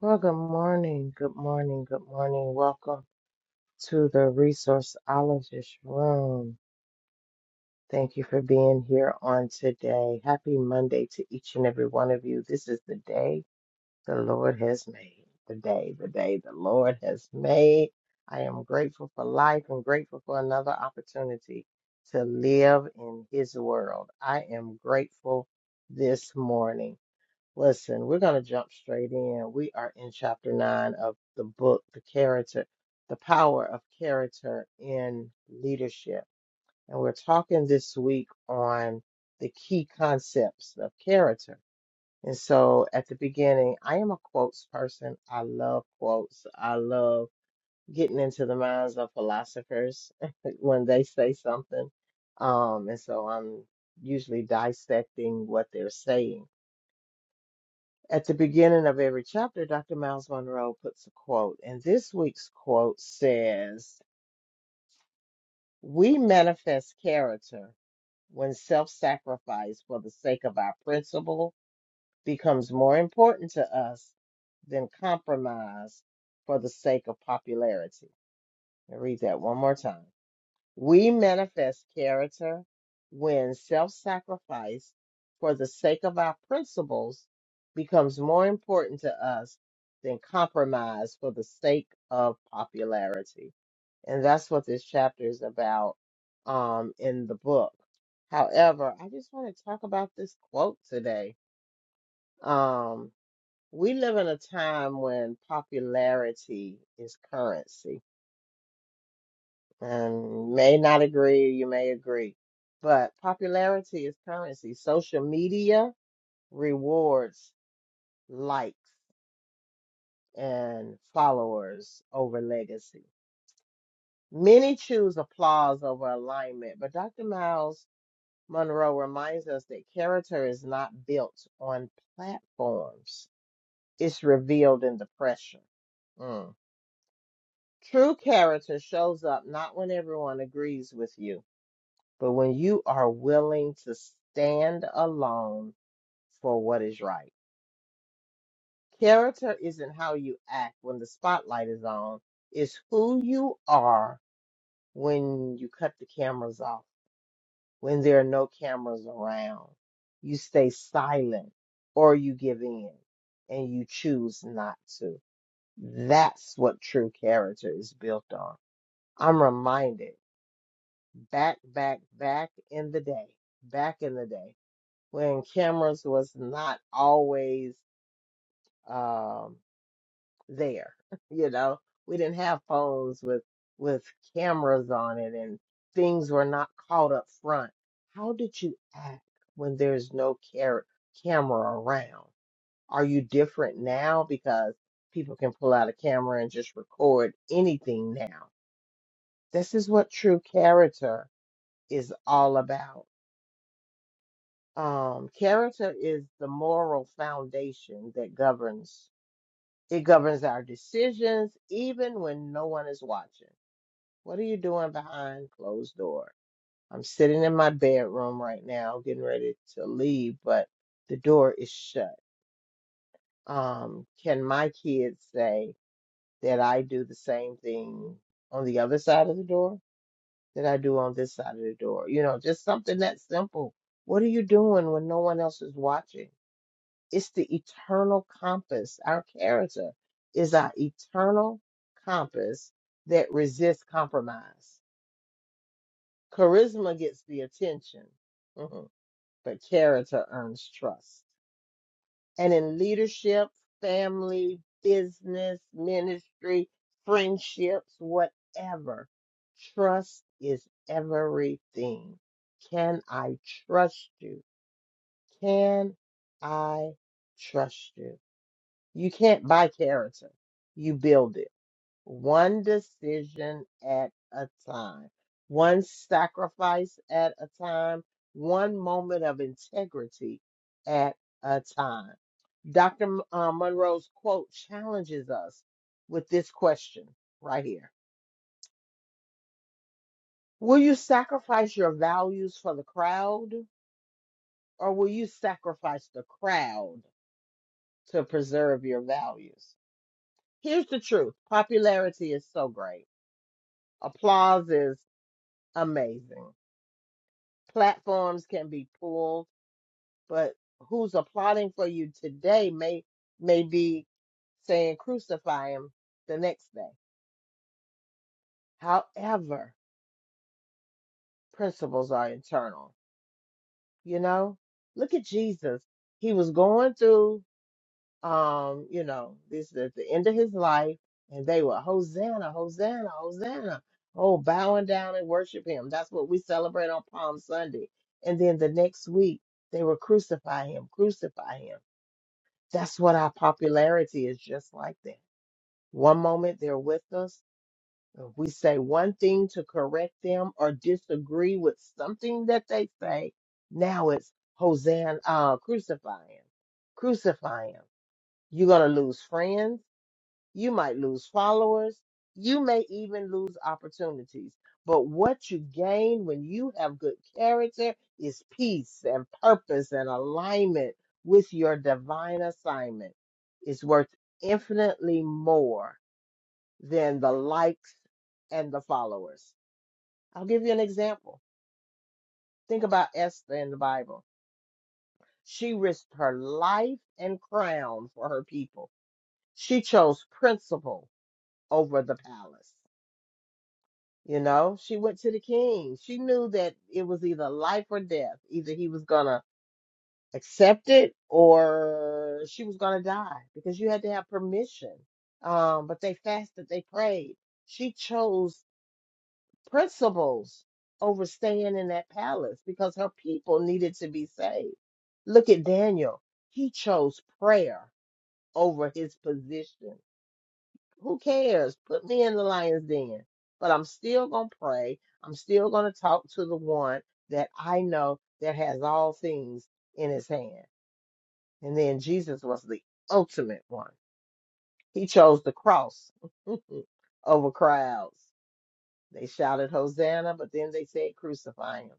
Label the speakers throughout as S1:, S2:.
S1: Well, good morning, good morning, good morning. Welcome to the Resourceologist Room. Thank you for being here on today. Happy Monday to each and every one of you. This is the day the Lord has made. The day, the day the Lord has made. I am grateful for life and grateful for another opportunity to live in His world. I am grateful this morning. Listen, we're going to jump straight in. We are in chapter nine of the book, The Character, The Power of Character in Leadership. And we're talking this week on the key concepts of character. And so at the beginning, I am a quotes person. I love quotes. I love getting into the minds of philosophers when they say something. Um, and so I'm usually dissecting what they're saying. At the beginning of every chapter, Dr. Miles Monroe puts a quote, and this week's quote says, We manifest character when self sacrifice for the sake of our principle becomes more important to us than compromise for the sake of popularity. I'll read that one more time. We manifest character when self sacrifice for the sake of our principles becomes more important to us than compromise for the sake of popularity. And that's what this chapter is about um, in the book. However, I just want to talk about this quote today. Um, we live in a time when popularity is currency and may not agree, you may agree, but popularity is currency. Social media rewards likes and followers over legacy. Many choose applause over alignment, but Dr. Miles Monroe reminds us that character is not built on platforms, it's revealed in the pressure. Mm. True character shows up not when everyone agrees with you But when you are willing to stand alone for what is right, character isn't how you act when the spotlight is on, it's who you are when you cut the cameras off, when there are no cameras around. You stay silent or you give in and you choose not to. That's what true character is built on. I'm reminded back, back, back in the day, back in the day. when cameras was not always um, there. You know, we didn't have phones with with cameras on it, and things were not caught up front. How did you act when there's no car- camera around? Are you different now because people can pull out a camera and just record anything now? This is what true character is all about Um, character is the moral foundation that governs it governs our decisions even when no one is watching. What are you doing behind closed door? I'm sitting in my bedroom right now getting ready to leave, but the door is shut. Um, can my kids say that I do the same thing on the other side of the door that I do on this side of the door? You know, just something that simple. What are you doing when no one else is watching? It's the eternal compass. Our character is our eternal compass that resists compromise. Charisma gets the attention, mhm, but character earns trust. And in leadership, family, business, ministry, friendships, whatever, trust is everything. Can I trust you? Can I trust you? You can't buy character. You build it one decision at a time, one sacrifice at a time, one moment of integrity at a time. Dr. M- uh, Monroe's quote challenges us with this question right here Will you sacrifice your values for the crowd, or will you sacrifice the crowd to preserve your values? Here's the truth popularity is so great applause is amazing. Platforms can be pulled, but who's applauding for you today may may be saying crucify him the next day. However, principles are internal. You know, look at Jesus. He was going through um, you know, this is at the end of his life, and they were Hosanna, Hosanna, Hosanna. Oh, bowing down and worship him. That's what we celebrate on Palm Sunday. And then the next week, they were crucify him, crucify him. That's what our popularity is just like that. One moment they're with us. If we say one thing to correct them or disagree with something that they say, now it's Hosanna, uh, crucify him, crucify him. You're going to lose friends. You might lose followers. You may even lose opportunities. But what you gain when you have good character is peace and purpose and alignment with your divine assignment. It's worth infinitely more than the likes and the followers. I'll give you an example. Think about Esther in the Bible. She risked her life and crown for her people. She chose principle over the palace. You know, she went to the king. She knew that it was either life or death. Either he was going to accept it or she was going to die because you had to have permission. Um, but they fasted, they prayed. She chose principles over staying in that palace because her people needed to be saved. Look at Daniel. He chose prayer over his position. Who cares? Put me in the lion's den. But I'm still going to pray. I'm still going to talk to the one that I know that has all things in his hand. And then Jesus was the ultimate one. He chose the cross over crowds. They shouted Hosanna, but then they said crucify him.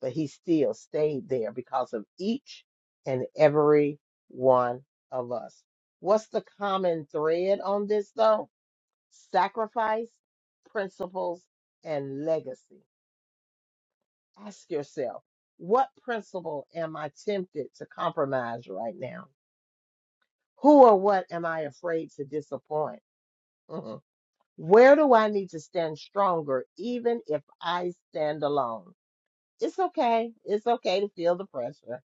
S1: But he still stayed there because of each and every one of us. What's the common thread on this though? sacrifice, principles, and legacy. Ask yourself, what principle am I tempted to compromise right now? Who or what am I afraid to disappoint? Mhm. Where do I need to stand stronger, even if I stand alone? It's okay. It's okay to feel the pressure,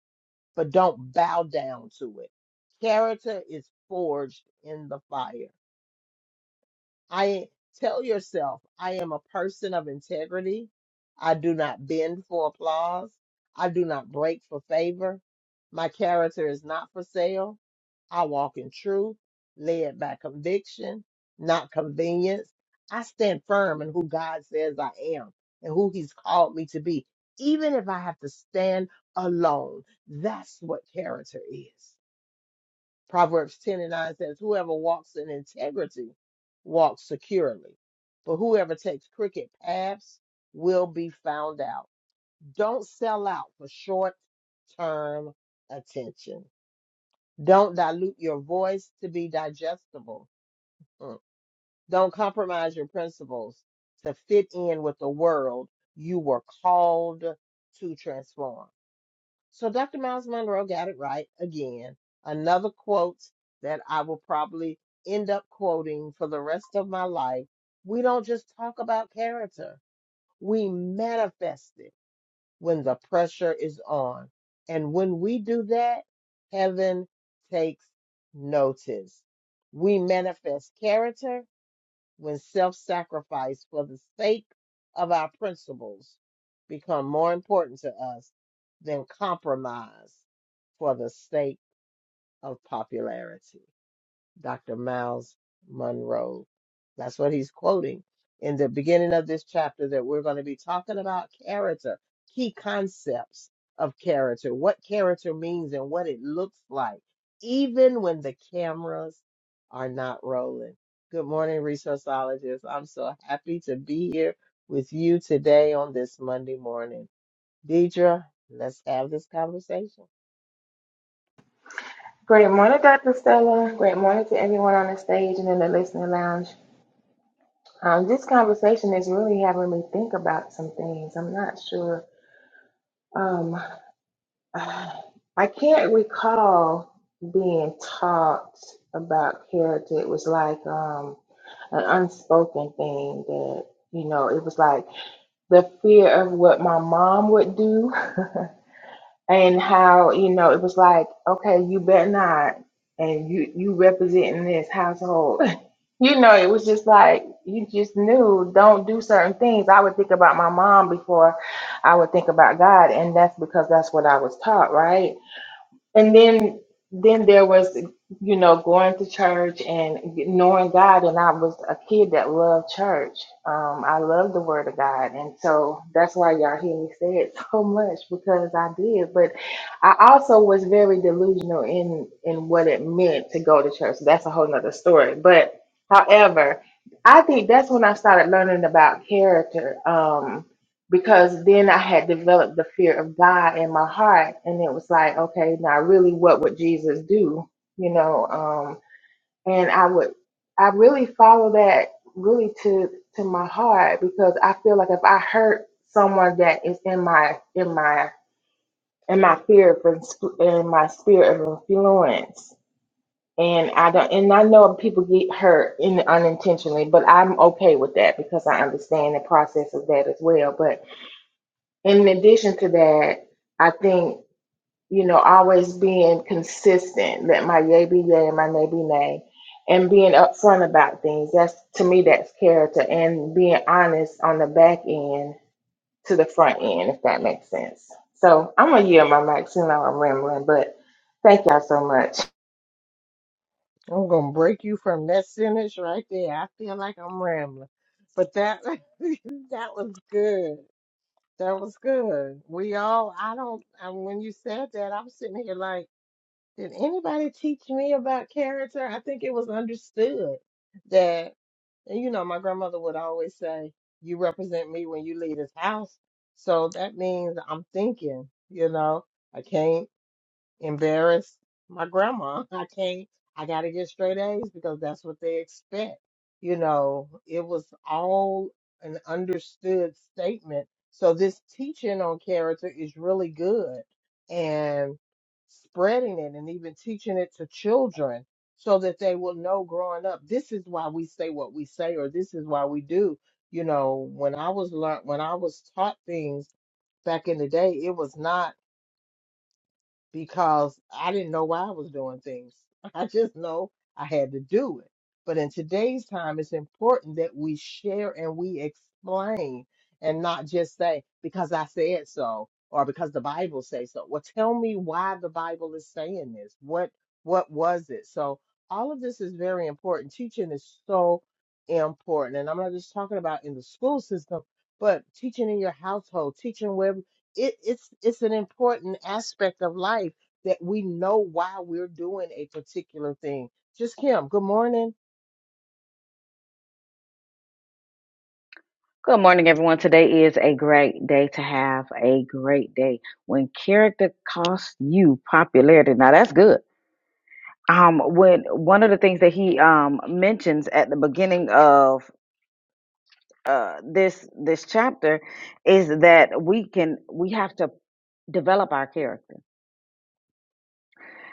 S1: but don't bow down to it. Character is forged in the fire. I tell yourself, I am a person of integrity. I do not bend for applause. I do not break for favor. My character is not for sale. I walk in truth, led by conviction, not convenience. I stand firm in who God says I am and who He's called me to be, even if I have to stand alone. That's what character is. Proverbs 10 and 9 says, Whoever walks in integrity walks securely, but whoever takes crooked paths will be found out. Don't sell out for short term attention. Don't dilute your voice to be digestible. Mm. Don't compromise your principles to fit in with the world you were called to transform. So Dr. Miles Monroe got it right again. Another quote that I will probably end up quoting for the rest of my life. We don't just talk about character, we manifest it when the pressure is on. And when we do that, heaven takes notice. We manifest character when self-sacrifice for the sake of our principles become more important to us than compromise for the sake of popularity. Dr. Miles Monroe. That's what he's quoting in the beginning of this chapter that we're going to be talking about character, key concepts of character, what character means and what it looks like, even when the cameras are not rolling. Good morning, resourceologists. I'm so happy to be here with you today on this Monday morning. Deidre, let's have this conversation.
S2: Great morning, Dr. Stella. Great morning to everyone on the stage and in the listening lounge. Um, this conversation is really having me think about some things. I'm not sure. Um, I can't recall being taught about character. It was like um, an unspoken thing that, you know, it was like the fear of what my mom would do. and how you know it was like okay you better not and you you representing this household you know it was just like you just knew don't do certain things i would think about my mom before i would think about god and that's because that's what i was taught right and then then there was you know going to church and knowing god and i was a kid that loved church um i loved the word of god and so that's why y'all hear me say it so much because i did but i also was very delusional in in what it meant to go to church that's a whole nother story but however i think that's when i started learning about character um because then I had developed the fear of God in my heart, and it was like, okay, now really, what would Jesus do? You know, um, and I would, I really follow that really to to my heart because I feel like if I hurt someone that is in my in my in my fear of ins- in my spirit of influence. And I don't, and I know people get hurt in unintentionally, but I'm okay with that because I understand the process of that as well. But in addition to that, I think, you know, always being consistent, that my yay be yay and my nay be nay, and being upfront about things. That's to me, that's character and being honest on the back end to the front end, if that makes sense. So I'm gonna yield my mic soon. I'm rambling, but thank y'all so much.
S1: I'm gonna break you from that sentence right there. I feel like I'm rambling, but that that was good. That was good. We all. I don't. And when you said that, I'm sitting here like, did anybody teach me about character? I think it was understood that. And you know, my grandmother would always say, "You represent me when you leave this house." So that means I'm thinking. You know, I can't embarrass my grandma. I can't, I got to get straight A's because that's what they expect. You know, it was all an understood statement. So this teaching on character is really good and spreading it and even teaching it to children so that they will know growing up this is why we say what we say or this is why we do. You know, when I was learned, when I was taught things back in the day, it was not because I didn't know why I was doing things. I just know I had to do it. But in today's time, it's important that we share and we explain and not just say, because I said so or because the Bible says so. Well, tell me why the Bible is saying this. What what was it? So all of this is very important. Teaching is so important. And I'm not just talking about in the school system, but teaching in your household, teaching wherever it, it's it's an important aspect of life that we know why we're doing a particular thing. Just Kim, good morning.
S3: Good morning, everyone. Today is a great day to have a great day. When character costs you popularity, now that's good. Um, when one of the things that he um mentions at the beginning of uh this this chapter is that we can we have to develop our character.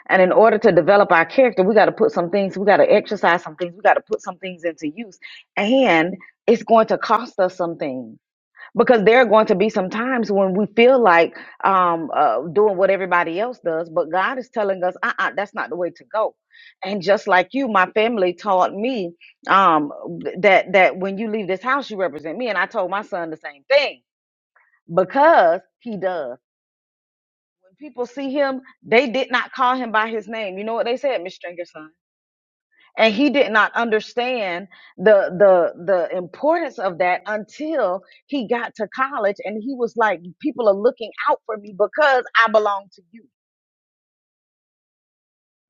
S3: And in order to develop our character, we got to put some things, we got to exercise some things, we got to put some things into use. And it's going to cost us some things. because there are going to be some times when we feel like um, uh, doing what everybody else does, but God is telling us, uh-uh, that's not the way to go. And just like you, my family taught me um, that that when you leave this house, you represent me, and I told my son the same thing because he does. When people see him, they did not call him by his name. You know what they said, Miss Stringer son? and he did not understand the the the importance of that until he got to college and he was like people are looking out for me because I belong to you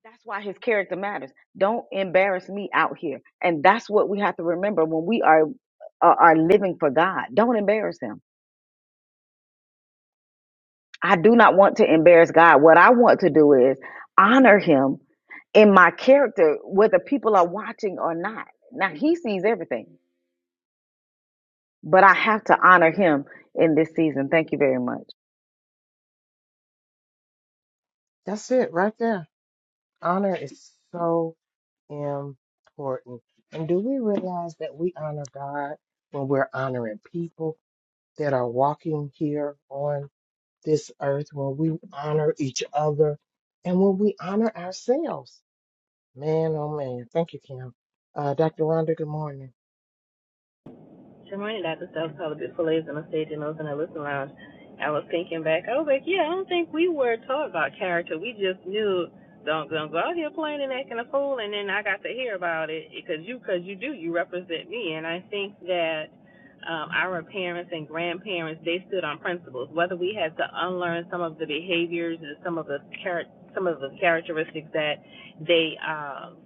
S3: that's why his character matters don't embarrass me out here and that's what we have to remember when we are are, are living for God don't embarrass him I do not want to embarrass God what I want to do is honor him in my character whether people are watching or not now he sees everything But I have to honor him in this season. Thank you very much.
S1: That's it right there. Honor is so important. And do we realize that we honor God when we're honoring people that are walking here on this earth, when we honor each other and when we honor ourselves? Man, oh man. Thank you, Kim. Uh, Dr. Rhonda, good morning.
S4: Jermaine got the stuff called a bit fillets on the stage and those in the listen lounge. I was thinking back, I was like, yeah, I don't think we were taught about character. We just knew don't don't go out here playing and acting a fool. And then I got to hear about it because you because you do you represent me. And I think that um, our parents and grandparents they stood on principles. Whether we had to unlearn some of the behaviors and some of the char- some of the characteristics that they um,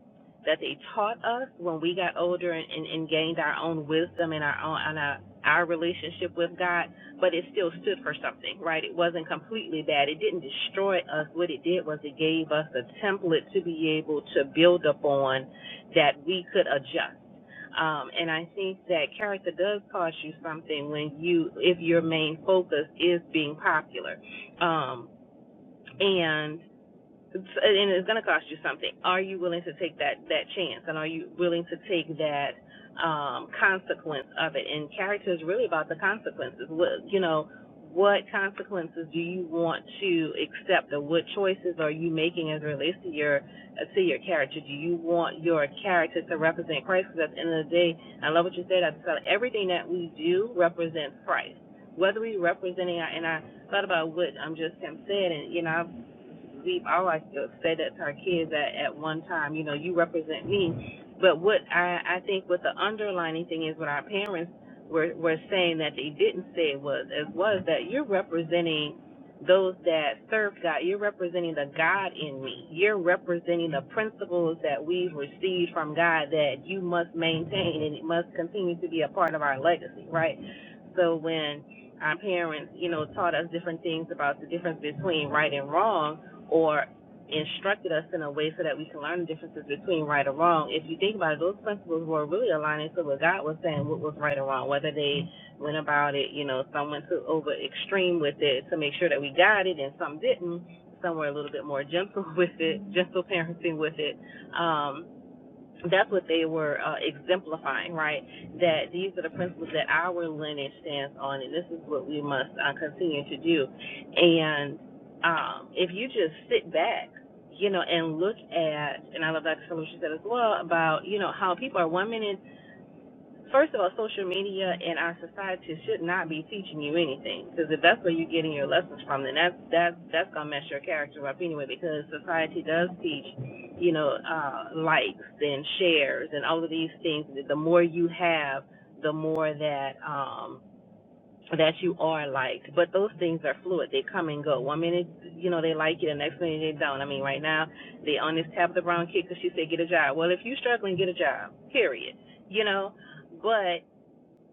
S4: that they taught us when we got older and, and, and gained our own wisdom and our own and our, our relationship with God, but it still stood for something, right? It wasn't completely bad. It didn't destroy us. What it did was it gave us a template to be able to build upon that we could adjust. Um, and I think that character does cost you something when you, if your main focus is being popular. Um, and it's, and it's going to cost you something. Are you willing to take that that chance, and are you willing to take that um, consequence of it? And character is really about the consequences. What you know, what consequences do you want to accept, or what choices are you making as it relates to your uh, to your character? Do you want your character to represent Christ? Because at the end of the day, I love what you said. I thought everything that we do represents Christ. Whether we representing, our, and I thought about what um, just Tim said, and you know, I've Veep, I like to say that to our kids at, at one time, you know, you represent me. But what I, I think what the underlining thing is what our parents were, were saying that they didn't say it was, as was that you're representing those that serve God. You're representing the God in me. You're representing the principles that we've received from God that you must maintain and it must continue to be a part of our legacy, right? So when our parents, you know, taught us different things about the difference between right and wrong, or instructed us in a way so that we can learn the differences between right or wrong. If you think about it, those principles were really aligning to what God was saying, what was right or wrong, whether they went about it, you know, some went to over extreme with it to make sure that we got it and some didn't. Some were a little bit more gentle with it, gentle parenting with it. Um, that's what they were uh, exemplifying, right? That these are the principles that our lineage stands on, and this is what we must uh, continue to do. And um, if you just sit back, you know, and look at, and I love Dr. Phillips, she said as well about, you know, how people are one minute First of all, social media and our society should not be teaching you anything because if that's where you're getting your lessons from, then that's that's that's gonna mess your character up anyway. Because society does teach, you know, uh, likes and shares and all of these things. The more you have, the more that um, that you are liked. But those things are fluid; they come and go. One minute, you know, they like you, the next minute they don't. I mean, right now they on this Tabitha Brown kick because she said get a job. Well, if you're struggling, get a job. Period. You know, but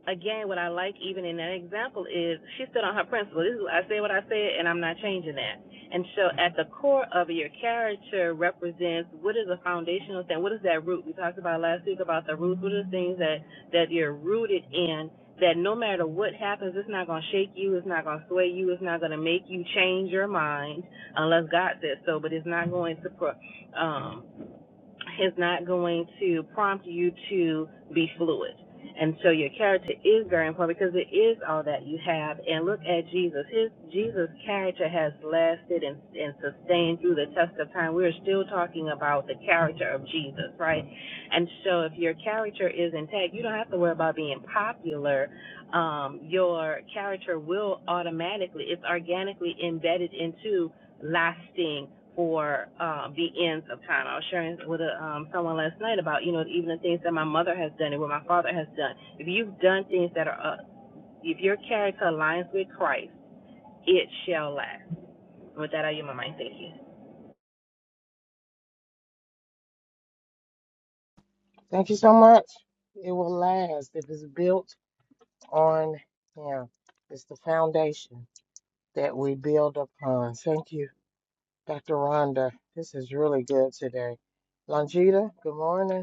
S4: again, what I like even in that example is she stood on her principle. This is I said what I said, and I'm not changing that. And so, at the core of your character represents what is a foundational thing. What is that root we talked about last week about the roots? What are the things that that you're rooted in? That no matter what happens, it's not going to shake you. It's not going to sway you. It's not going to make you change your mind unless God says so. But it's not going to pro, um, is not going to prompt you to be fluid. And so your character is very important because it is all that you have. And look at Jesus. His Jesus character has lasted and, and sustained through the test of time. We're still talking about the character of Jesus, right? And so if your character is intact, you don't have to worry about being popular. Um, your character will automatically, it's organically embedded into lasting for um, the ends of time. I was sharing with uh um, someone last night about, you know, even the things that my mother has done and what my father has done. If you've done things that are, uh, if your character aligns with Christ, it shall last. With that, I yield my mind. Thank you.
S1: Thank you so much. It will last if it's built on Him. It's the foundation that we build upon. Thank you, Dr. Rhonda. This is really good today. Longita, good morning.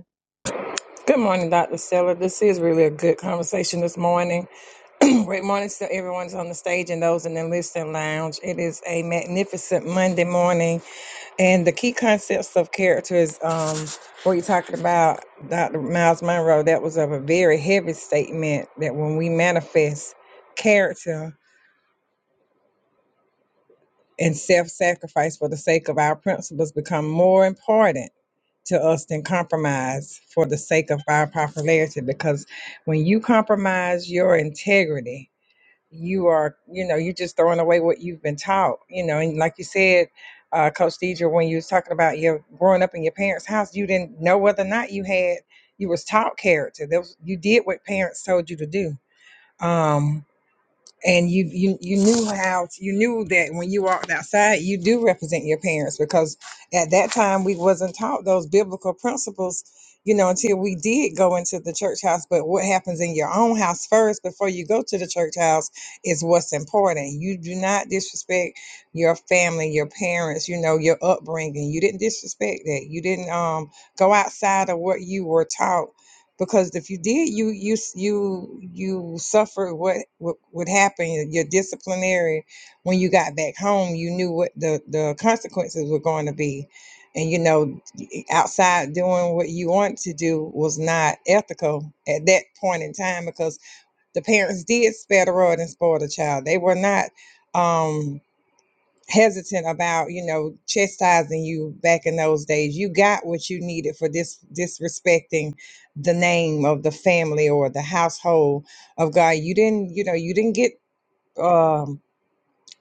S5: Good morning, Dr. Stella. This is really a good conversation this morning. Great morning to everyone on the stage and those in the listening lounge. It is a magnificent Monday morning, and the key concepts of character is um, what you're talking about, Dr. Miles Monroe. That was of a very heavy statement that when we manifest character and self sacrifice for the sake of our principles become more important to us than compromise for the sake of our popularity because when you compromise your integrity you are you know you're just throwing away what you've been taught you know and like you said uh, coach deidre when you was talking about your growing up in your parents house you didn't know whether or not you had you was taught character there was, you did what parents told you to do um and you you you knew how you knew that when you walked outside you do represent your parents because at that time we wasn't taught those biblical principles you know until we did go into the church house but what happens in your own house first before you go to the church house is what's important you do not disrespect your family your parents you know your upbringing you didn't disrespect that you didn't um go outside of what you were taught because if you did you you you you suffered what what would happen your disciplinary when you got back home you knew what the the consequences were going to be and you know outside doing what you want to do was not ethical at that point in time because the parents did spare the rod and spoil the child they were not um hesitant about you know chastising you back in those days you got what you needed for this disrespecting the name of the family or the household of god you didn't you know you didn't get um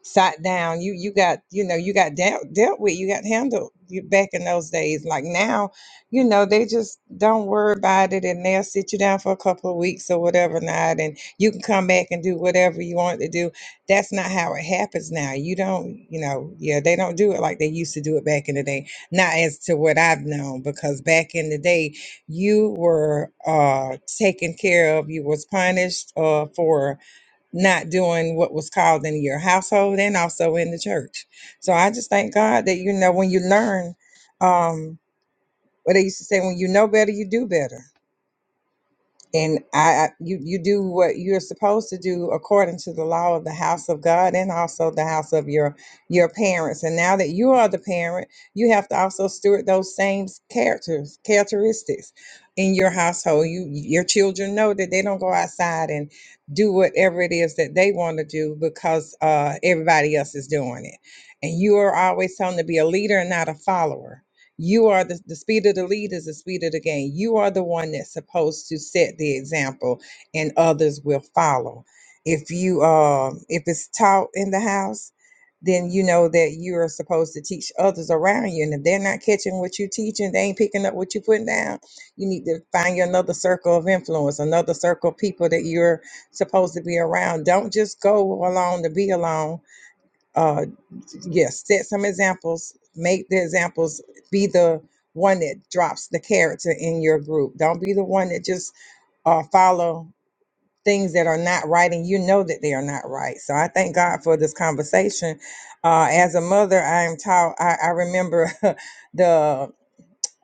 S5: sat down you you got you know you got dealt dealt with you got handled you back in those days like now you know they just don't worry about it and they'll sit you down for a couple of weeks or whatever not and you can come back and do whatever you want to do that's not how it happens now you don't you know yeah they don't do it like they used to do it back in the day not as to what i've known because back in the day you were uh taken care of you was punished uh for not doing what was called in your household and also in the church. So I just thank God that you know when you learn, um, what they used to say, when you know better, you do better and I, I you you do what you're supposed to do according to the law of the house of God and also the house of your your parents. And now that you are the parent, you have to also steward those same characters characteristics in your household. You your children know that they don't go outside and do whatever it is that they want to do because uh, everybody else is doing it, and you are always telling them to be a leader and not a follower you are the, the speed of the lead is the speed of the game. You are the one that's supposed to set the example and others will follow. If you um if it's taught in the house, then you know that you are supposed to teach others around you. And if they're not catching what you're teaching, they ain't picking up what you're putting down, you need to find you another circle of influence, another circle of people that you're supposed to be around. Don't just go along to be alone uh, yes, set some examples, make the examples, be the one that drops the character in your group. Don't be the one that just uh, follow things that are not right and you know that they are not right. So I thank God for this conversation. Uh, as a mother, I am taught, I, I remember the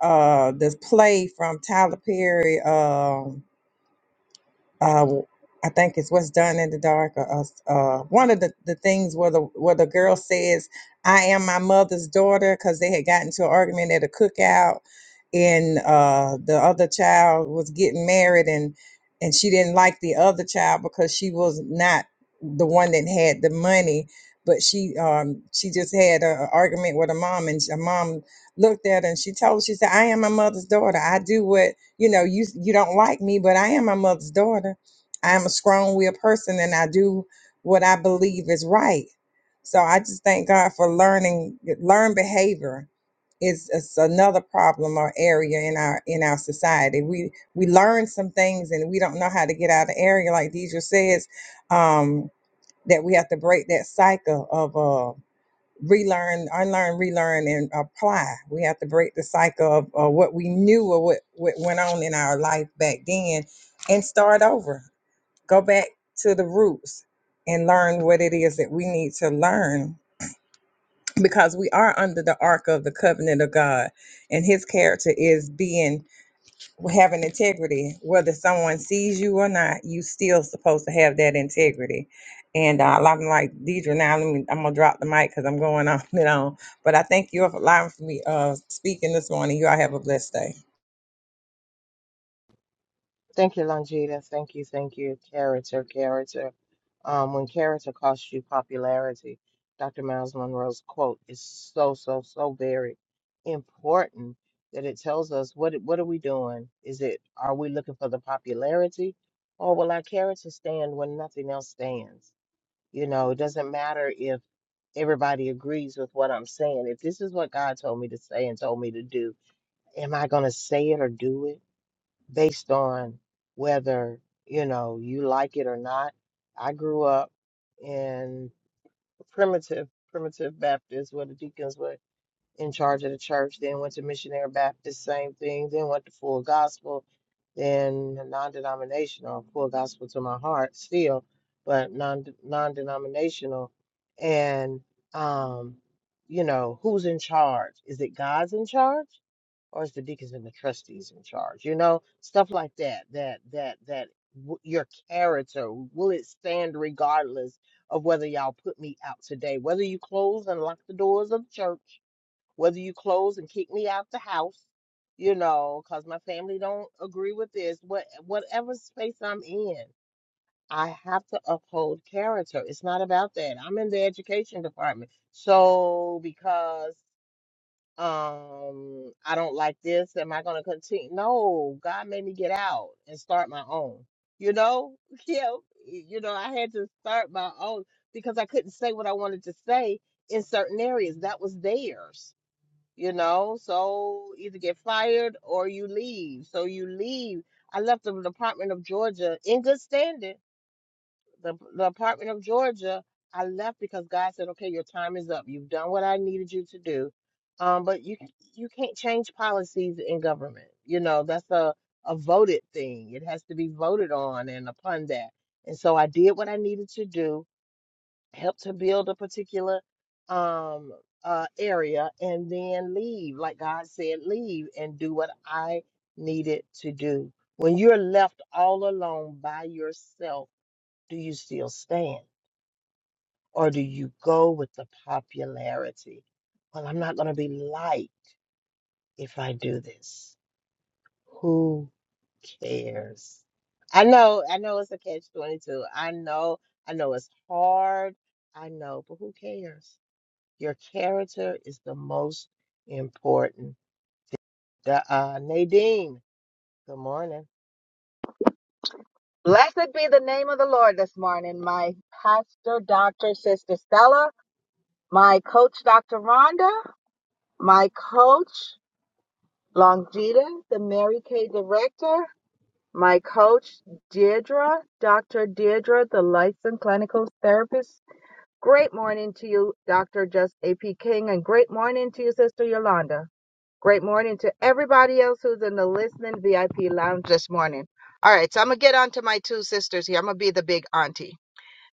S5: uh, this play from Tyler Perry. Um uh, I think it's what's done in the dark. Or, uh, one of the, the things where the where the girl says, "I am my mother's daughter," because they had gotten to an argument at a cookout, and uh, the other child was getting married, and and she didn't like the other child because she was not the one that had the money, but she um she just had an argument with her mom, and her mom looked at her and she told her, she said, "I am my mother's daughter. I do what." you know, you you don't like me, but I am my mother's daughter. I am a strong willed person and I do what I believe is right. So I just thank God for learning learn behavior is is another problem or area in our in our society. We we learn some things and we don't know how to get out of the area like Deidre says, um, that we have to break that cycle of. uh, relearn, unlearn, relearn, and apply. We have to break the cycle of uh, what we knew or what, what went on in our life back then and start over. Go back to the roots and learn what it is that we need to learn because we are under the arc of the covenant of God and his character is being having integrity, whether someone sees you or not, you still supposed to have that integrity. And uh, I'm like Deidre now. Let me, I'm gonna drop the mic because I'm going on and on. But I thank you for allowing for me uh, speaking this morning. You all have a blessed day.
S1: Thank you, Longita. Thank you, thank you. Character, character. Um, when character costs you popularity, Dr. Miles Monroe's quote is so, so, so very important that it tells us what what are we doing? Is it are we looking for the popularity, or will our character stand when nothing else stands? You know, it doesn't matter if everybody agrees with what I'm saying. If this is what God told me to say and told me to do, am I going to say it or do it? based on whether you know you like it or not. I grew up in primitive primitive Baptist where the deacons were in charge of the church, then went to missionary Baptist, same thing, then went to full gospel, then non-denominational, full gospel to my heart still, but non non-denominational and um you know who's in charge? Is it God's in charge? or is the deacons and the trustees in charge? You know, stuff like that. That that that w- your character will it stand regardless of whether y'all put me out today, whether you close and lock the doors of the church, whether you close and kick me out the house, you know, because my family don't agree with this. What whatever space I'm in. I have to uphold character. It's not about that. I'm in the education department. So because um, I don't like this. Am I going to continue? No, God made me get out and start my own. You know, yeah, you know, I had to start my own because I couldn't say what I wanted to say in certain areas. That was theirs, you know. So either get fired or you leave. So you leave. I left the Department of Georgia in good standing the the Department of Georgia, I left because God said, "Okay, your time is up. You've done what I needed you to do." Um, but you you can't change policies in government. You know that's a a voted thing. It has to be voted on and upon that. And so I did what I needed to do, helped to build a particular um uh area, and then leave, like God said, leave and do what I needed to do. When you're left all alone by yourself do you still stand? Or do you go with the popularity? Well, I'm not going to be liked if I do this. Who cares? I know, I know it's a catch 22. I know, I know it's hard. I know, but who cares? Your character is the most important. The, uh, Nadine, good morning.
S6: Blessed be the name of the Lord this morning, my pastor, Dr. Sister Stella, my coach, Dr. Rhonda, my coach, Longita, the Mary Kay director, my coach, Deirdre, Dr. Deirdre, the licensed clinical therapist. Great morning to you, Dr. Just AP King, and great morning to you, Sister Yolanda. Great morning to everybody else who's in the listening VIP lounge this morning. All right, so I'm going to get on to my two sisters here. I'm going to be the big auntie.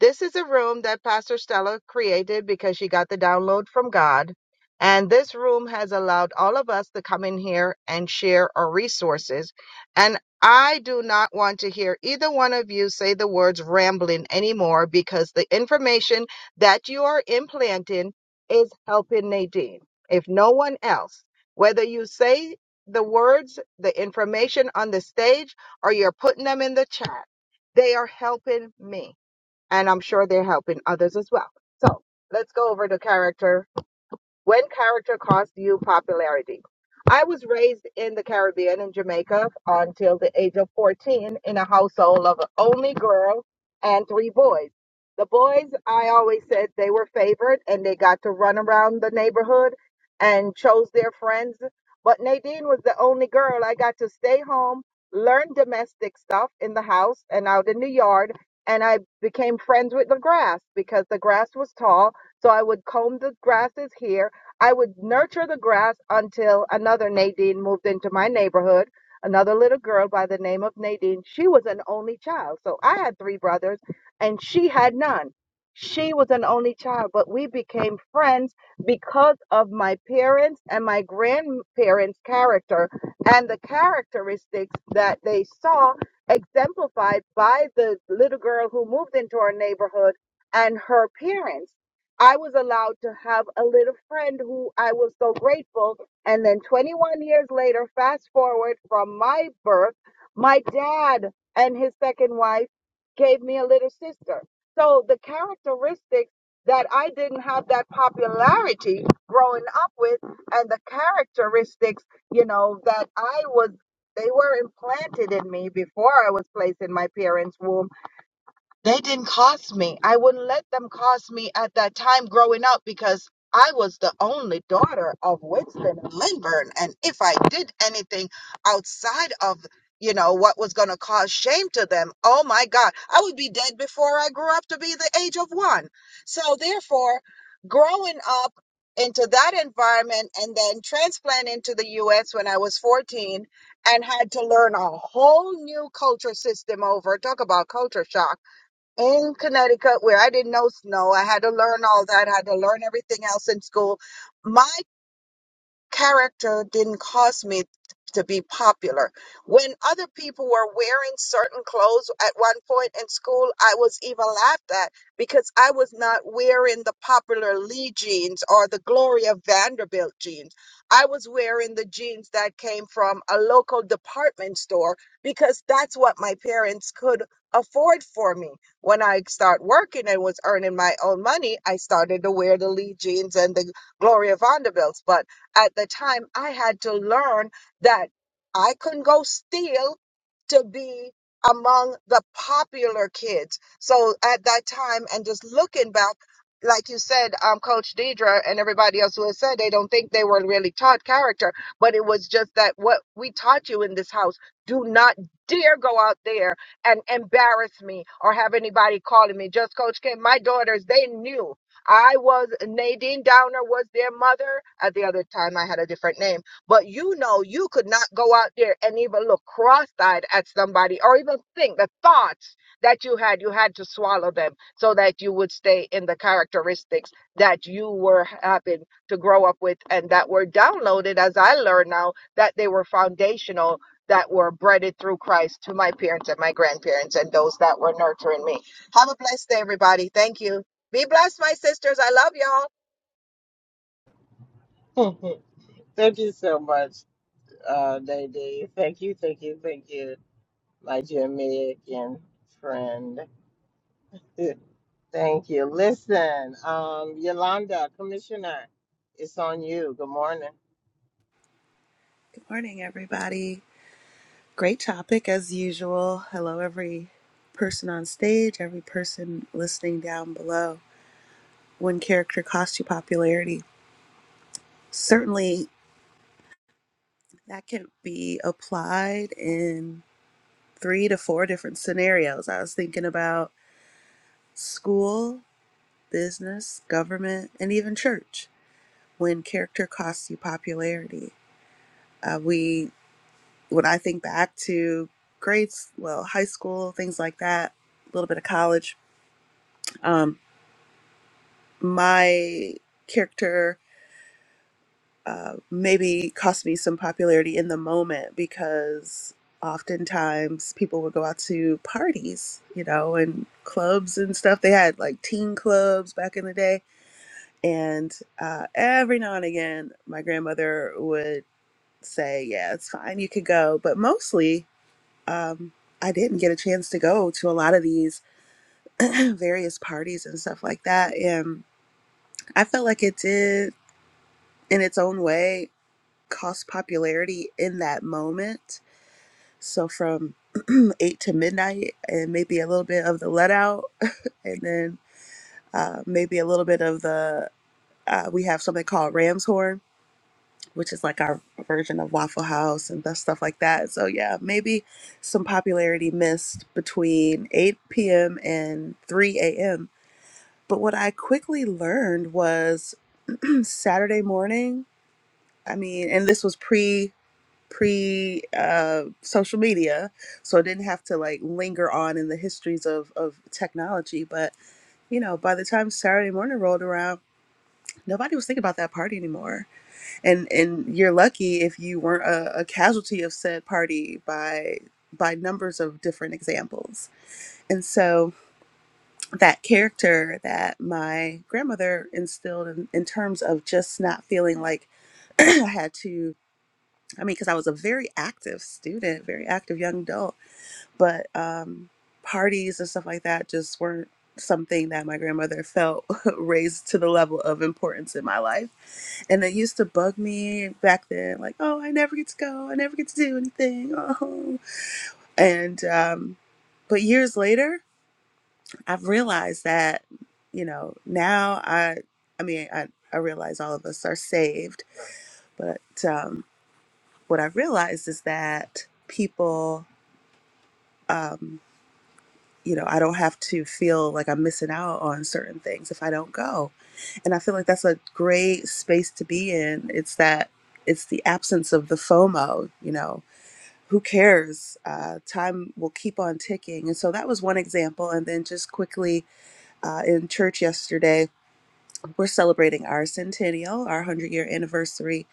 S6: This is a room that Pastor Stella created because she got the download from God. And this room has allowed all of us to come in here and share our resources. And I do not want to hear either one of you say the words rambling anymore because the information that you are implanting is helping Nadine. If no one else, whether you say the words, the information on the stage, or you're putting them in the chat, they are helping me and I'm sure they're helping others as well. So let's go over the character when character costs you popularity. I was raised in the Caribbean in Jamaica until the age of 14 in a household of an only girl and three boys. The boys, I always said they were favored and they got to run around the neighborhood and chose their friends. But Nadine was the only girl. I got to stay home, learn domestic stuff in the house and out in the yard. And I became friends with the grass because the grass was tall. So I would comb the grasses here I would nurture the grass until another Nadine moved into my neighborhood. Another little girl by the name of Nadine. She was an only child. So I had three brothers and she had none. She was an only child, but we became friends because of my parents and my grandparents' character and the characteristics that they saw exemplified by the little girl who moved into our neighborhood and her parents. I was allowed to have a little friend who I was so grateful. And then 21 years later, fast forward from my birth, my dad and his second wife gave me a little sister. So the characteristics that I didn't have that popularity growing up with, and the characteristics, you know, that I was, they were implanted in me before I was placed in my parents' womb they didn't cost me. I wouldn't let them cost me at that time growing up because I was the only daughter of Winston and Lindburn. And if I did anything outside of, you know, what was going to cause shame to them, oh my God, I would be dead before I grew up to be the age of one. So therefore, growing up into that environment and then transplanting to the US when I was 14 and had to learn a whole new culture system over. Talk about culture shock in Connecticut where I didn't know snow. I had to learn all that. I had to learn everything else in school. My character didn't cause me to be popular. When other people were wearing certain clothes at one point in school, I was even laughed at because I was not wearing the popular Lee jeans or the Gloria Vanderbilt jeans. I was wearing the jeans that came from a local department store because that's what my parents could afford for me. When I start working and was earning my own money, I started to wear the Lee jeans and the Gloria Vanderbilts. But at the time, I had to learn that I couldn't go steal to be among the popular kids. So at that time, and just looking back, like you said, um, Coach Deidre and everybody else who has said they don't think they were really taught character, but it was just that what we taught you in this house do not dare go out there and embarrass me or have anybody calling me. Just Coach K, my daughters, they knew. I was Nadine Downer was their mother. At the other time, I had a different name. But you know, you could not go out there and even look cross-eyed at somebody, or even think the thoughts that you had. You had to swallow them so that you would stay in the characteristics that you were happen to grow up with, and that were downloaded, as I learn now, that they were foundational. That were breaded through Christ to my parents and my grandparents and those that were nurturing me. Have a blessed day, everybody. Thank you. Be blessed, my sisters. I love y'all.
S1: Thank you so much, uh, Nadine. Thank you, thank you, thank you. my Jamaican friend. Thank you. Listen, um, Yolanda, Commissioner, it's on you. Good morning.
S7: Good morning, everybody. Great topic as usual. Hello, every person on stage, every person listening down below. When character costs you popularity, certainly that can be applied in three to four different scenarios. I was thinking about school, business, government, and even church. When character costs you popularity, uh, we when I think back to grades, well, high school, things like that, a little bit of college Um, my character uh, maybe cost me some popularity in the moment because oftentimes people would go out to parties, you know, and clubs and stuff. They had like teen clubs back in the day. And uh, every now and again, my grandmother would say, Yeah, it's fine, you could go. But mostly, um, I didn't get a chance to go to a lot of these various parties and stuff like that. And I felt like it did. in its own way cost popularity in that moment. So from eight to midnight, and maybe a little bit of the let out, and then uh, maybe a little bit of the uh, we have something called Ram's Horn, which is like our version of Waffle House and that stuff like that. So yeah, maybe some popularity missed between 8 p.m. and 3 a.m. But what I quickly learned was Saturday morning. I mean, and this was pre pre uh, social media, so it didn't have to like linger on in the histories of of technology. But you know, by the time Saturday morning rolled around, nobody was thinking about that party anymore. And and you're lucky if you weren't a, a casualty of said party by by numbers of different examples. And so that character that my grandmother instilled in, in terms of just not feeling like I had to I mean, because I was a very active student, very active young adult. but um, parties and stuff like that just weren't something that my grandmother felt raised to the level of importance in my life. And it used to bug me back then, like, oh, I never get to go, I never get to do anything. Oh. And, um, but years later, I've realized that, you know, now I, I mean, I, I realize all of us are saved, but um, what I realized is that people, um, you know, I don't have to feel like I'm missing out on certain things if I don't go. And I feel like that's a great space to be in. It's that it's the absence of the FOMO, you know. Who cares? Uh, time will keep on ticking. And so that was one example. And then just quickly uh, in church yesterday, we're celebrating our centennial, our 100 year anniversary.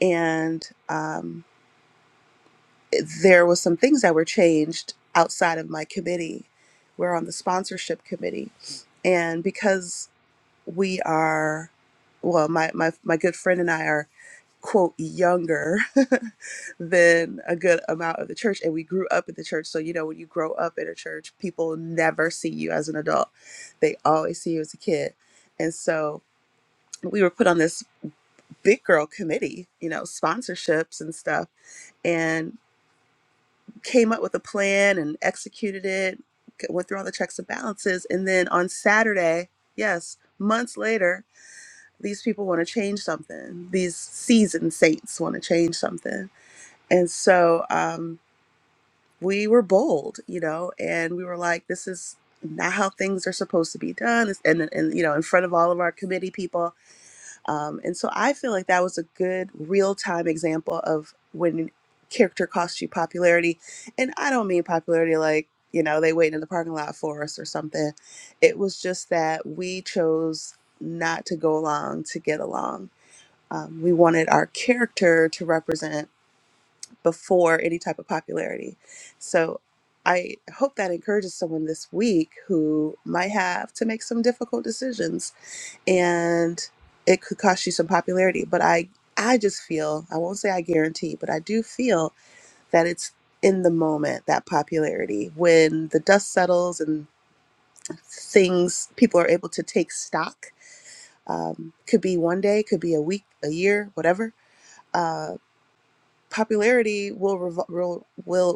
S7: And um, there was some things that were changed outside of my committee. We're on the sponsorship committee, and because we are, well, my my my good friend and I are quote younger than a good amount of the church and we grew up in the church so you know when you grow up in a church people never see you as an adult they always see you as a kid and so we were put on this big girl committee you know sponsorships and stuff and came up with a plan and executed it, went through all the checks and balances. And then on Saturday, yes, months later, these people want to change something. These seasoned saints want to change something. And so um, we were bold, you know, and we were like, this is not how things are supposed to be done. And, and, you know, in front of all of our committee people. Um, and so I feel like that was a good real time example of when character costs you popularity. And I don't mean popularity like, you know, they waited in the parking lot for us or something. It was just that we chose not to go along to get along. Um, we wanted our character to represent before any type of popularity. So I hope that encourages someone this week who might have to make some difficult decisions and it could cost you some popularity but i i just feel i won't say i guarantee but i do feel that it's in the moment that popularity when the dust settles and things people are able to take stock um, could be one day could be a week a year whatever uh, popularity will, revol will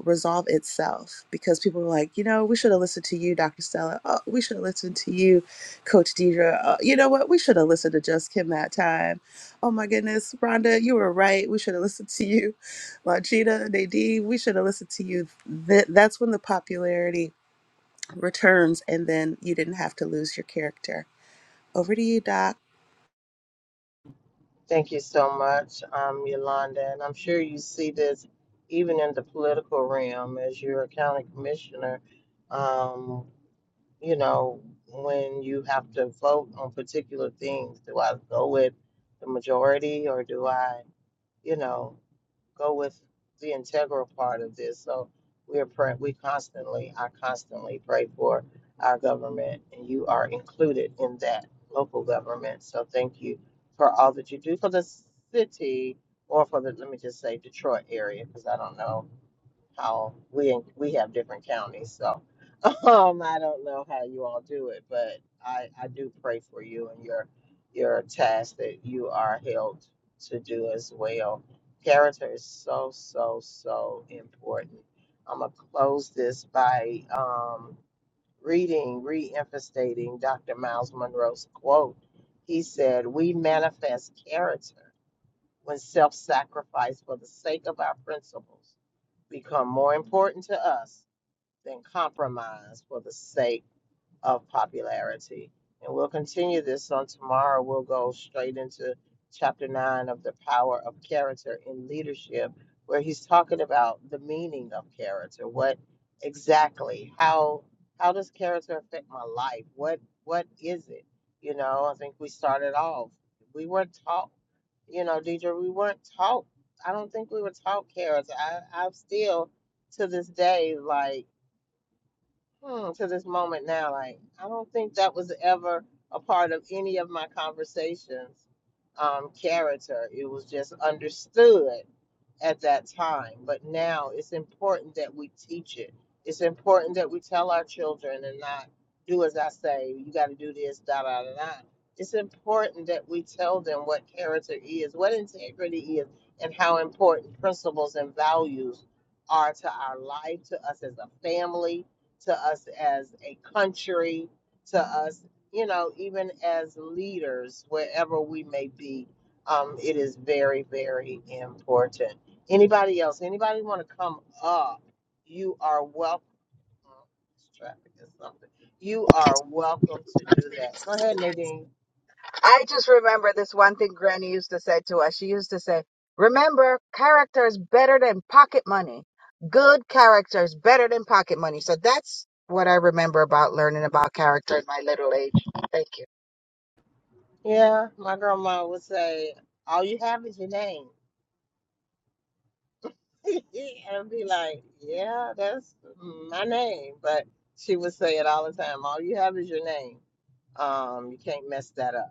S7: resolve itself because people are like, you know, we should have listened to you, Dr. Stella. Oh, we should have listened to you, Coach Deidre. Uh, you know what? We should have listened to Just Kim that time. Oh my goodness, Rhonda, you were right. We should have listened to you, Longita, Nadine. We should have listened to you. Th- that's when the popularity returns, and then you didn't have to lose your character. Over to you, Doc.
S1: Thank you so much, um, Yolanda. And I'm sure you see this even in the political realm as you're a county commissioner. Um, you know, when you have to vote on particular things, do I go with the majority or do I, you know? go with the integral part of this. So we're pray- we constantly, I constantly pray for our government, and you are included in that local government. So thank you for all that you do for the city, or for the let me just say Detroit area, because I don't know how we we have different counties. So um, I don't know how you all do it, but I, I do pray for you and your your task that you are held to do as well. Character is so so so important. I'm gonna close this by um, reading, re-emphasizing Dr. Miles Monroe's quote. He said, "We manifest character." when self sacrifice for the sake of our principles become more important to us than compromise for the sake of popularity. And we'll continue this on tomorrow. We'll go straight into chapter nine of The Power of Character in Leadership, where he's talking about the meaning of character. What exactly, how how does character affect my life? What what is it? You know, I think we started off. We weren't taught, you know, Deidre, we weren't taught. I don't think we were taught character. I, I'm still to this day like hmm, to this moment now, like I don't think that was ever a part of any of my conversations. Um, character. It was just understood at that time. But now it's important that we teach it. It's important that we tell our children and not do as I say, you got to do this, da da da da. It's important that we tell them what character is, what integrity is, and how important principles and values are to our life, to us as a family, to us as a country, to us, you know, even as leaders, wherever we may be. Um, it is very, very important. Anybody else? Anybody want to come up? You are welcome. Oh, this Traffic is something. You are welcome to do that. Go ahead, Nadine.
S6: I just remember this one thing Granny used to say to us. She used to say, Remember, character is better than pocket money. Good character is better than pocket money. So that's what I remember about learning about character in my little age. Thank you.
S1: Yeah, my grandma would say, "All you have is your name," and be like, "Yeah, that's my name." But she would say it all the time. All you have is your name. Um, you can't mess that up.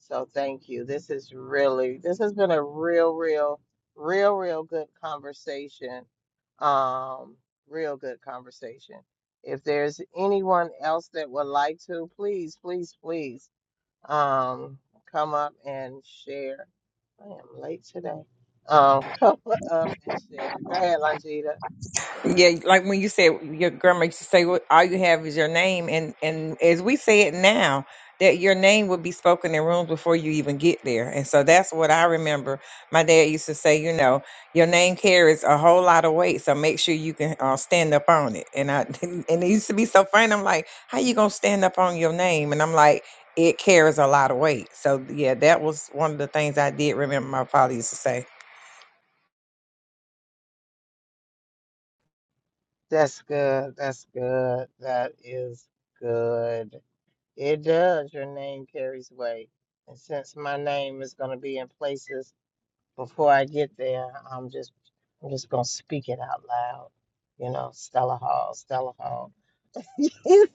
S1: So thank you. This is really, this has been a real, real, real, real good conversation. Um, real good conversation. If there's anyone else that would like to, please, please, please, um, come up and share. I am late today. Um, come up and share. Go ahead, Longita.
S5: Yeah, like when you said your grandma used to say, "What all you have is your name," and and as we say it now, that your name would be spoken in rooms before you even get there, and so that's what I remember. My dad used to say, you know, your name carries a whole lot of weight, so make sure you can uh, stand up on it. And I and it used to be so funny. I'm like, how you gonna stand up on your name? And I'm like, it carries a lot of weight. So yeah, that was one of the things I did remember my father used to say.
S1: That's good. That's good. That is good. It does. Your name carries weight. And since my name is going to be in places before I get there, I'm just I'm just going to speak it out loud. You know, Stella Hall, Stella Hall. so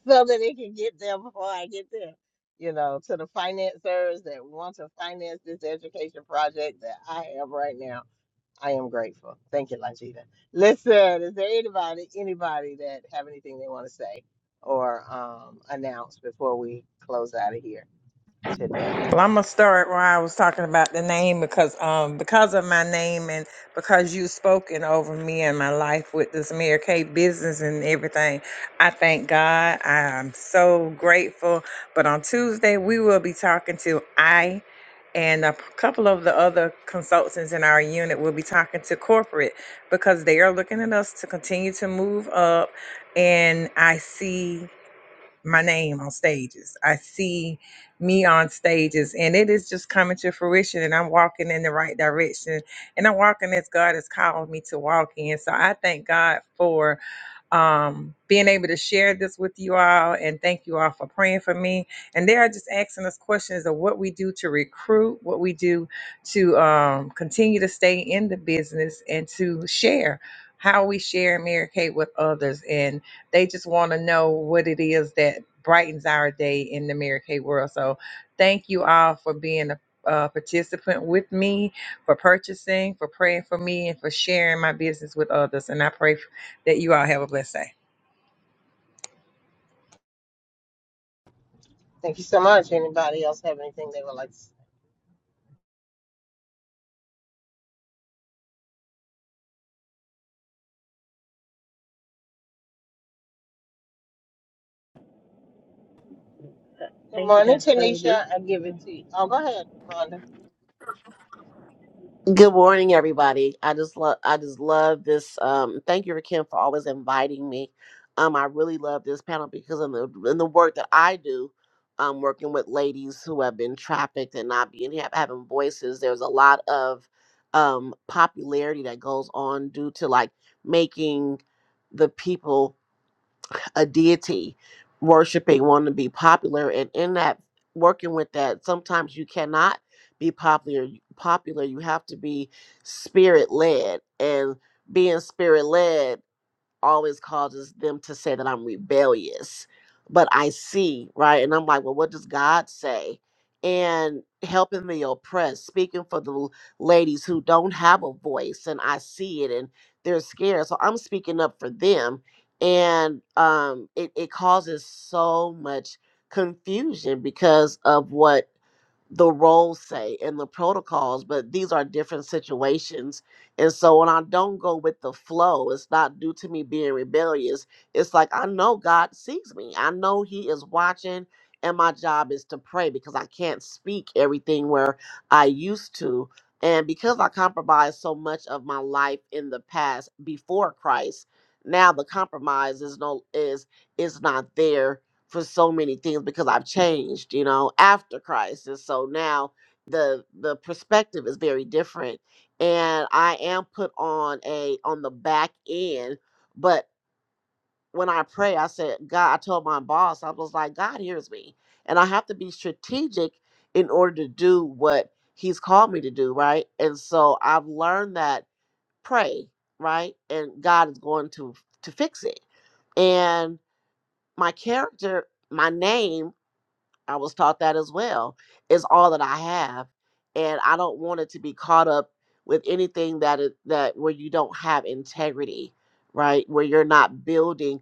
S1: that it can get there before I get there. You know, to the financiers that want to finance this education project that I have right now. I am grateful. Thank you, Longita. Listen, is there anybody anybody that have anything they want to say or um, announce before we close out of here today?
S5: Well, I'm gonna start where I was talking about the name because um because of my name and because you've spoken over me and my life with this Mayor K business and everything. I thank God. I am so grateful. But on Tuesday we will be talking to I and a p- couple of the other consultants in our unit will be talking to corporate because they are looking at us to continue to move up and I see my name on stages. I see me on stages, and it is just coming to fruition. And I'm walking in the right direction, and I'm walking as God has called me to walk in. So I thank God for um, being able to share this with you all. And thank you all for praying for me. And they are just asking us questions of what we do to recruit, what we do to um, continue to stay in the business and to share how we share and Mary Kate with others. And they just want to know what it is that brightens our day in the Mary Kate world. So thank you all for being a uh, participant with me for purchasing, for praying for me, and for sharing my business with others. And I pray that you all have a blessed day.
S1: Thank you so much. Anybody else have anything they would like to say? Good
S4: Thank you,
S1: morning,
S4: Dr. Love
S1: Tanisha. I give
S4: you.
S1: it to you. Oh, go ahead, Rhonda.
S8: Good morning, everybody. I just love I just love this. Um, thank you, Rakim, for always inviting me. Um, I really love this panel because in the in the work that I do, um, working with ladies who have been trafficked and not being have, having voices, there's a lot of um popularity that goes on due to like making the people a deity worshiping, wanting to be popular, and in that working with that, sometimes you cannot be popular. Popular, you have to be spirit led, and being spirit led always causes them to say that I'm rebellious. But I see, right? And I'm like, well, what does God say? And helping the oppressed, speaking for the l- ladies who don't have a voice, and I see it and they're scared. So I'm speaking up for them. And um, it, it causes so much confusion because of what the roles say and the protocols, but these are different situations. And so when I don't go with the flow, it's not due to me being rebellious. It's like I know God sees me, I know He is watching. And my job is to pray because I can't speak everything where I used to. And because I compromised so much of my life in the past before Christ, now the compromise is no is is not there for so many things because I've changed, you know, after Christ. And so now the the perspective is very different. And I am put on a on the back end, but when I pray, I said, God, I told my boss, I was like, God hears me. And I have to be strategic in order to do what he's called me to do, right? And so I've learned that pray, right? And God is going to to fix it. And my character, my name I was taught that as well. It's all that I have, and I don't want it to be caught up with anything that it, that where you don't have integrity, right? Where you're not building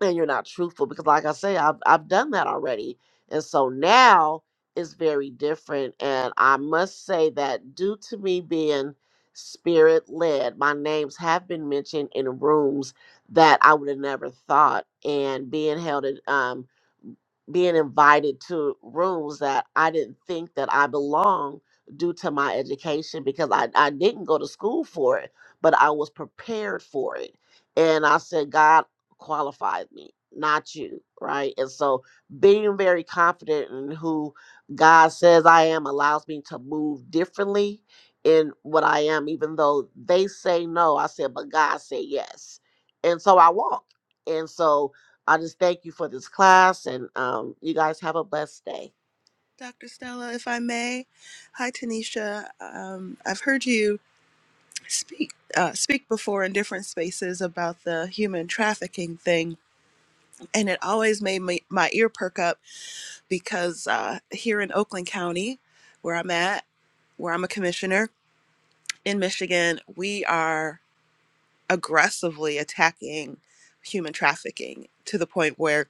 S8: and you're not truthful. Because, like I say, I've I've done that already, and so now it's very different. And I must say that due to me being spirit led, my names have been mentioned in rooms that I would have never thought, and being held in um being invited to rooms that I didn't think that I belonged due to my education because I, I didn't go to school for it, but I was prepared for it. And I said, God qualified me, not you, right? And so being very confident in who God says I am allows me to move differently in what I am, even though they say no. I said, but God said yes. And so I walk. And so I just thank you for this class and um, you guys have a blessed day.
S7: Dr. Stella, if I may. Hi, Tanisha. Um, I've heard you speak uh, speak before in different spaces about the human trafficking thing, and it always made me, my ear perk up because uh, here in Oakland County, where I'm at, where I'm a commissioner in Michigan, we are aggressively attacking human trafficking to the point where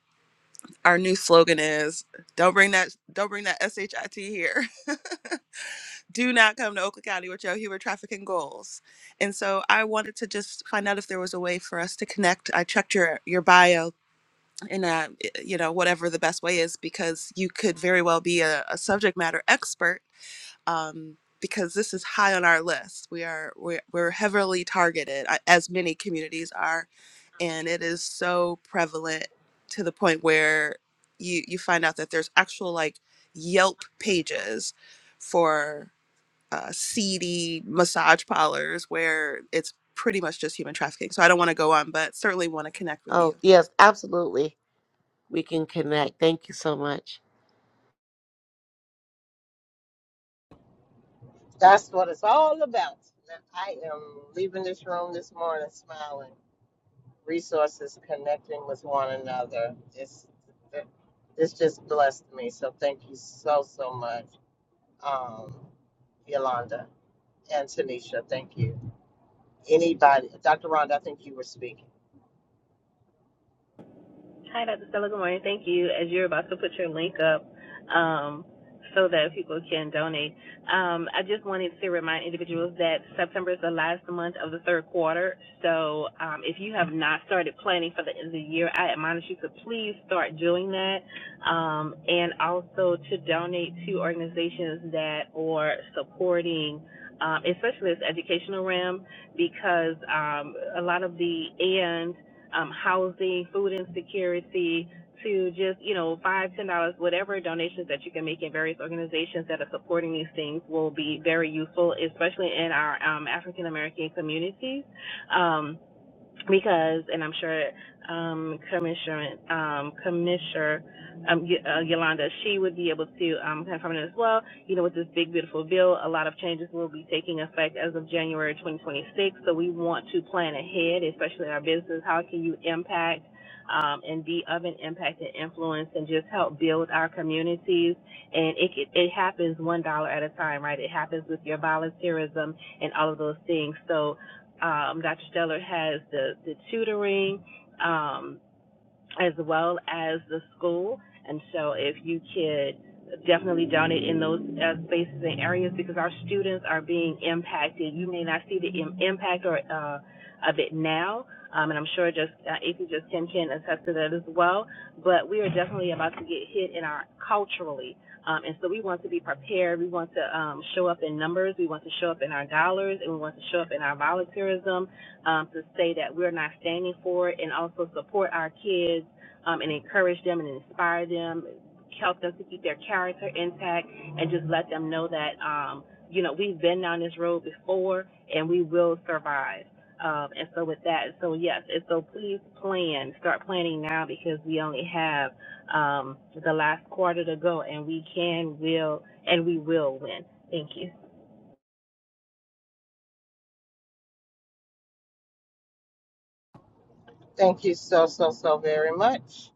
S7: our new slogan is "Don't bring that, don't bring that shit here." do not come to Oakland County with your human trafficking goals. And so I wanted to just find out if there was a way for us to connect. I checked your your bio in a you know whatever the best way is because you could very well be a, a subject matter expert um, because this is high on our list. We are we're, we're heavily targeted I- as many communities are, and it is so prevalent to the point where you you find out that there's actual like Yelp pages for uh, seedy massage parlors where it's pretty much just human trafficking. So I don't want to go on, but certainly want to connect with
S8: Oh,
S7: you.
S8: yes, absolutely. We can connect. Thank you so much.
S1: That's what it's all about. Now, I am leaving this room this morning smiling. Resources connecting with one another. It's this just blessed me. So thank you so so much, um, Yolanda and Tanisha. Thank you. Anybody, Dr. Rhonda, I think you were speaking.
S4: Hi, Dr. Stella. Good morning. Thank you. As you're about to put your link up um, so that people can donate, um, I just wanted to remind individuals that September is the last month of the third quarter. So um, if you have not started planning for the end of the year, I admonish you to please start doing that um, and also to donate to organizations that are supporting. Um, especially this educational realm, because um, a lot of the and um, housing, food insecurity, to just you know five, ten dollars, whatever donations that you can make in various organizations that are supporting these things will be very useful, especially in our um, African American communities. Um, because, and I'm sure um, Commissioner um, Commissioner um, Y- uh, Yolanda, she would be able to um, confirm it as well. You know, with this big beautiful bill, a lot of changes will be taking effect as of January 2026. So we want to plan ahead, especially in our business. How can you impact? Um, and be of an impact and influence, and just help build our communities. And it it it happens one dollar at a time, right? It happens with your volunteerism and all of those things. So um, Dr. Stellar has the, the tutoring um, as well as the school. And so if you could definitely donate in those uh, spaces and areas because our students are being impacted. You may not see the Im- impact or uh, of it now. Um, and I'm sure just uh, if you just Tim can attest to that as well. But we are definitely about to get hit in our culturally. Um, and so we want to be prepared. We want to um, show up in numbers. We want to show up in our dollars, and we want to show up in our volunteerism um, to say that we're not standing for it and also support our kids um, and encourage them and inspire them, help them to keep their character intact, and just let them know that, um, you know, we've been down this road before and we will survive. Um, and so with that, so yes, and so please plan, start planning now because we only have um, the last quarter to go, and we can, will, and we will win. Thank you.
S1: Thank you so so so very much.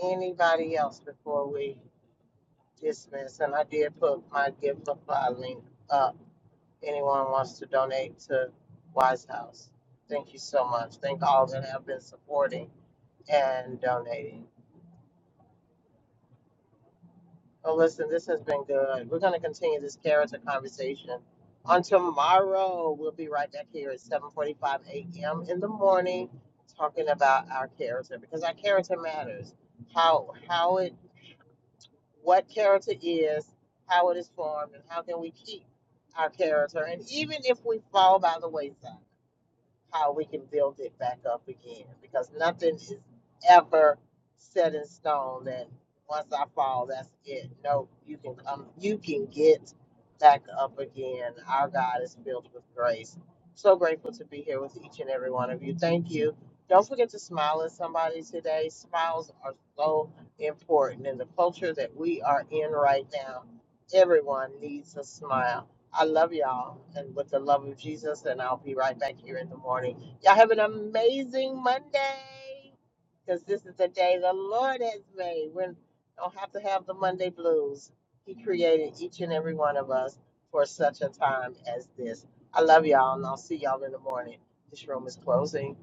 S1: Anybody else before we dismiss? And I did put my gift of link up. anyone wants to donate to Wise House. Thank you so much. Thank all that have been supporting and donating. Well, listen, this has been good. We're going to continue this character conversation on tomorrow. We'll be right back here at 7:45 a.m. in the morning, talking about our character because our character matters. How how it what character is, how it is formed, and how can we keep our character, and even if we fall by the wayside how we can build it back up again because nothing is ever set in stone that once I fall, that's it. No, you can um, you can get back up again. Our God is filled with grace. So grateful to be here with each and every one of you. Thank you. Don't forget to smile at somebody today. Smiles are so important in the culture that we are in right now. Everyone needs a smile. I love y'all and with the love of Jesus, and I'll be right back here in the morning. Y'all have an amazing Monday because this is the day the Lord has made. We don't have to have the Monday blues. He created each and every one of us for such a time as this. I love y'all, and I'll see y'all in the morning. This room is closing.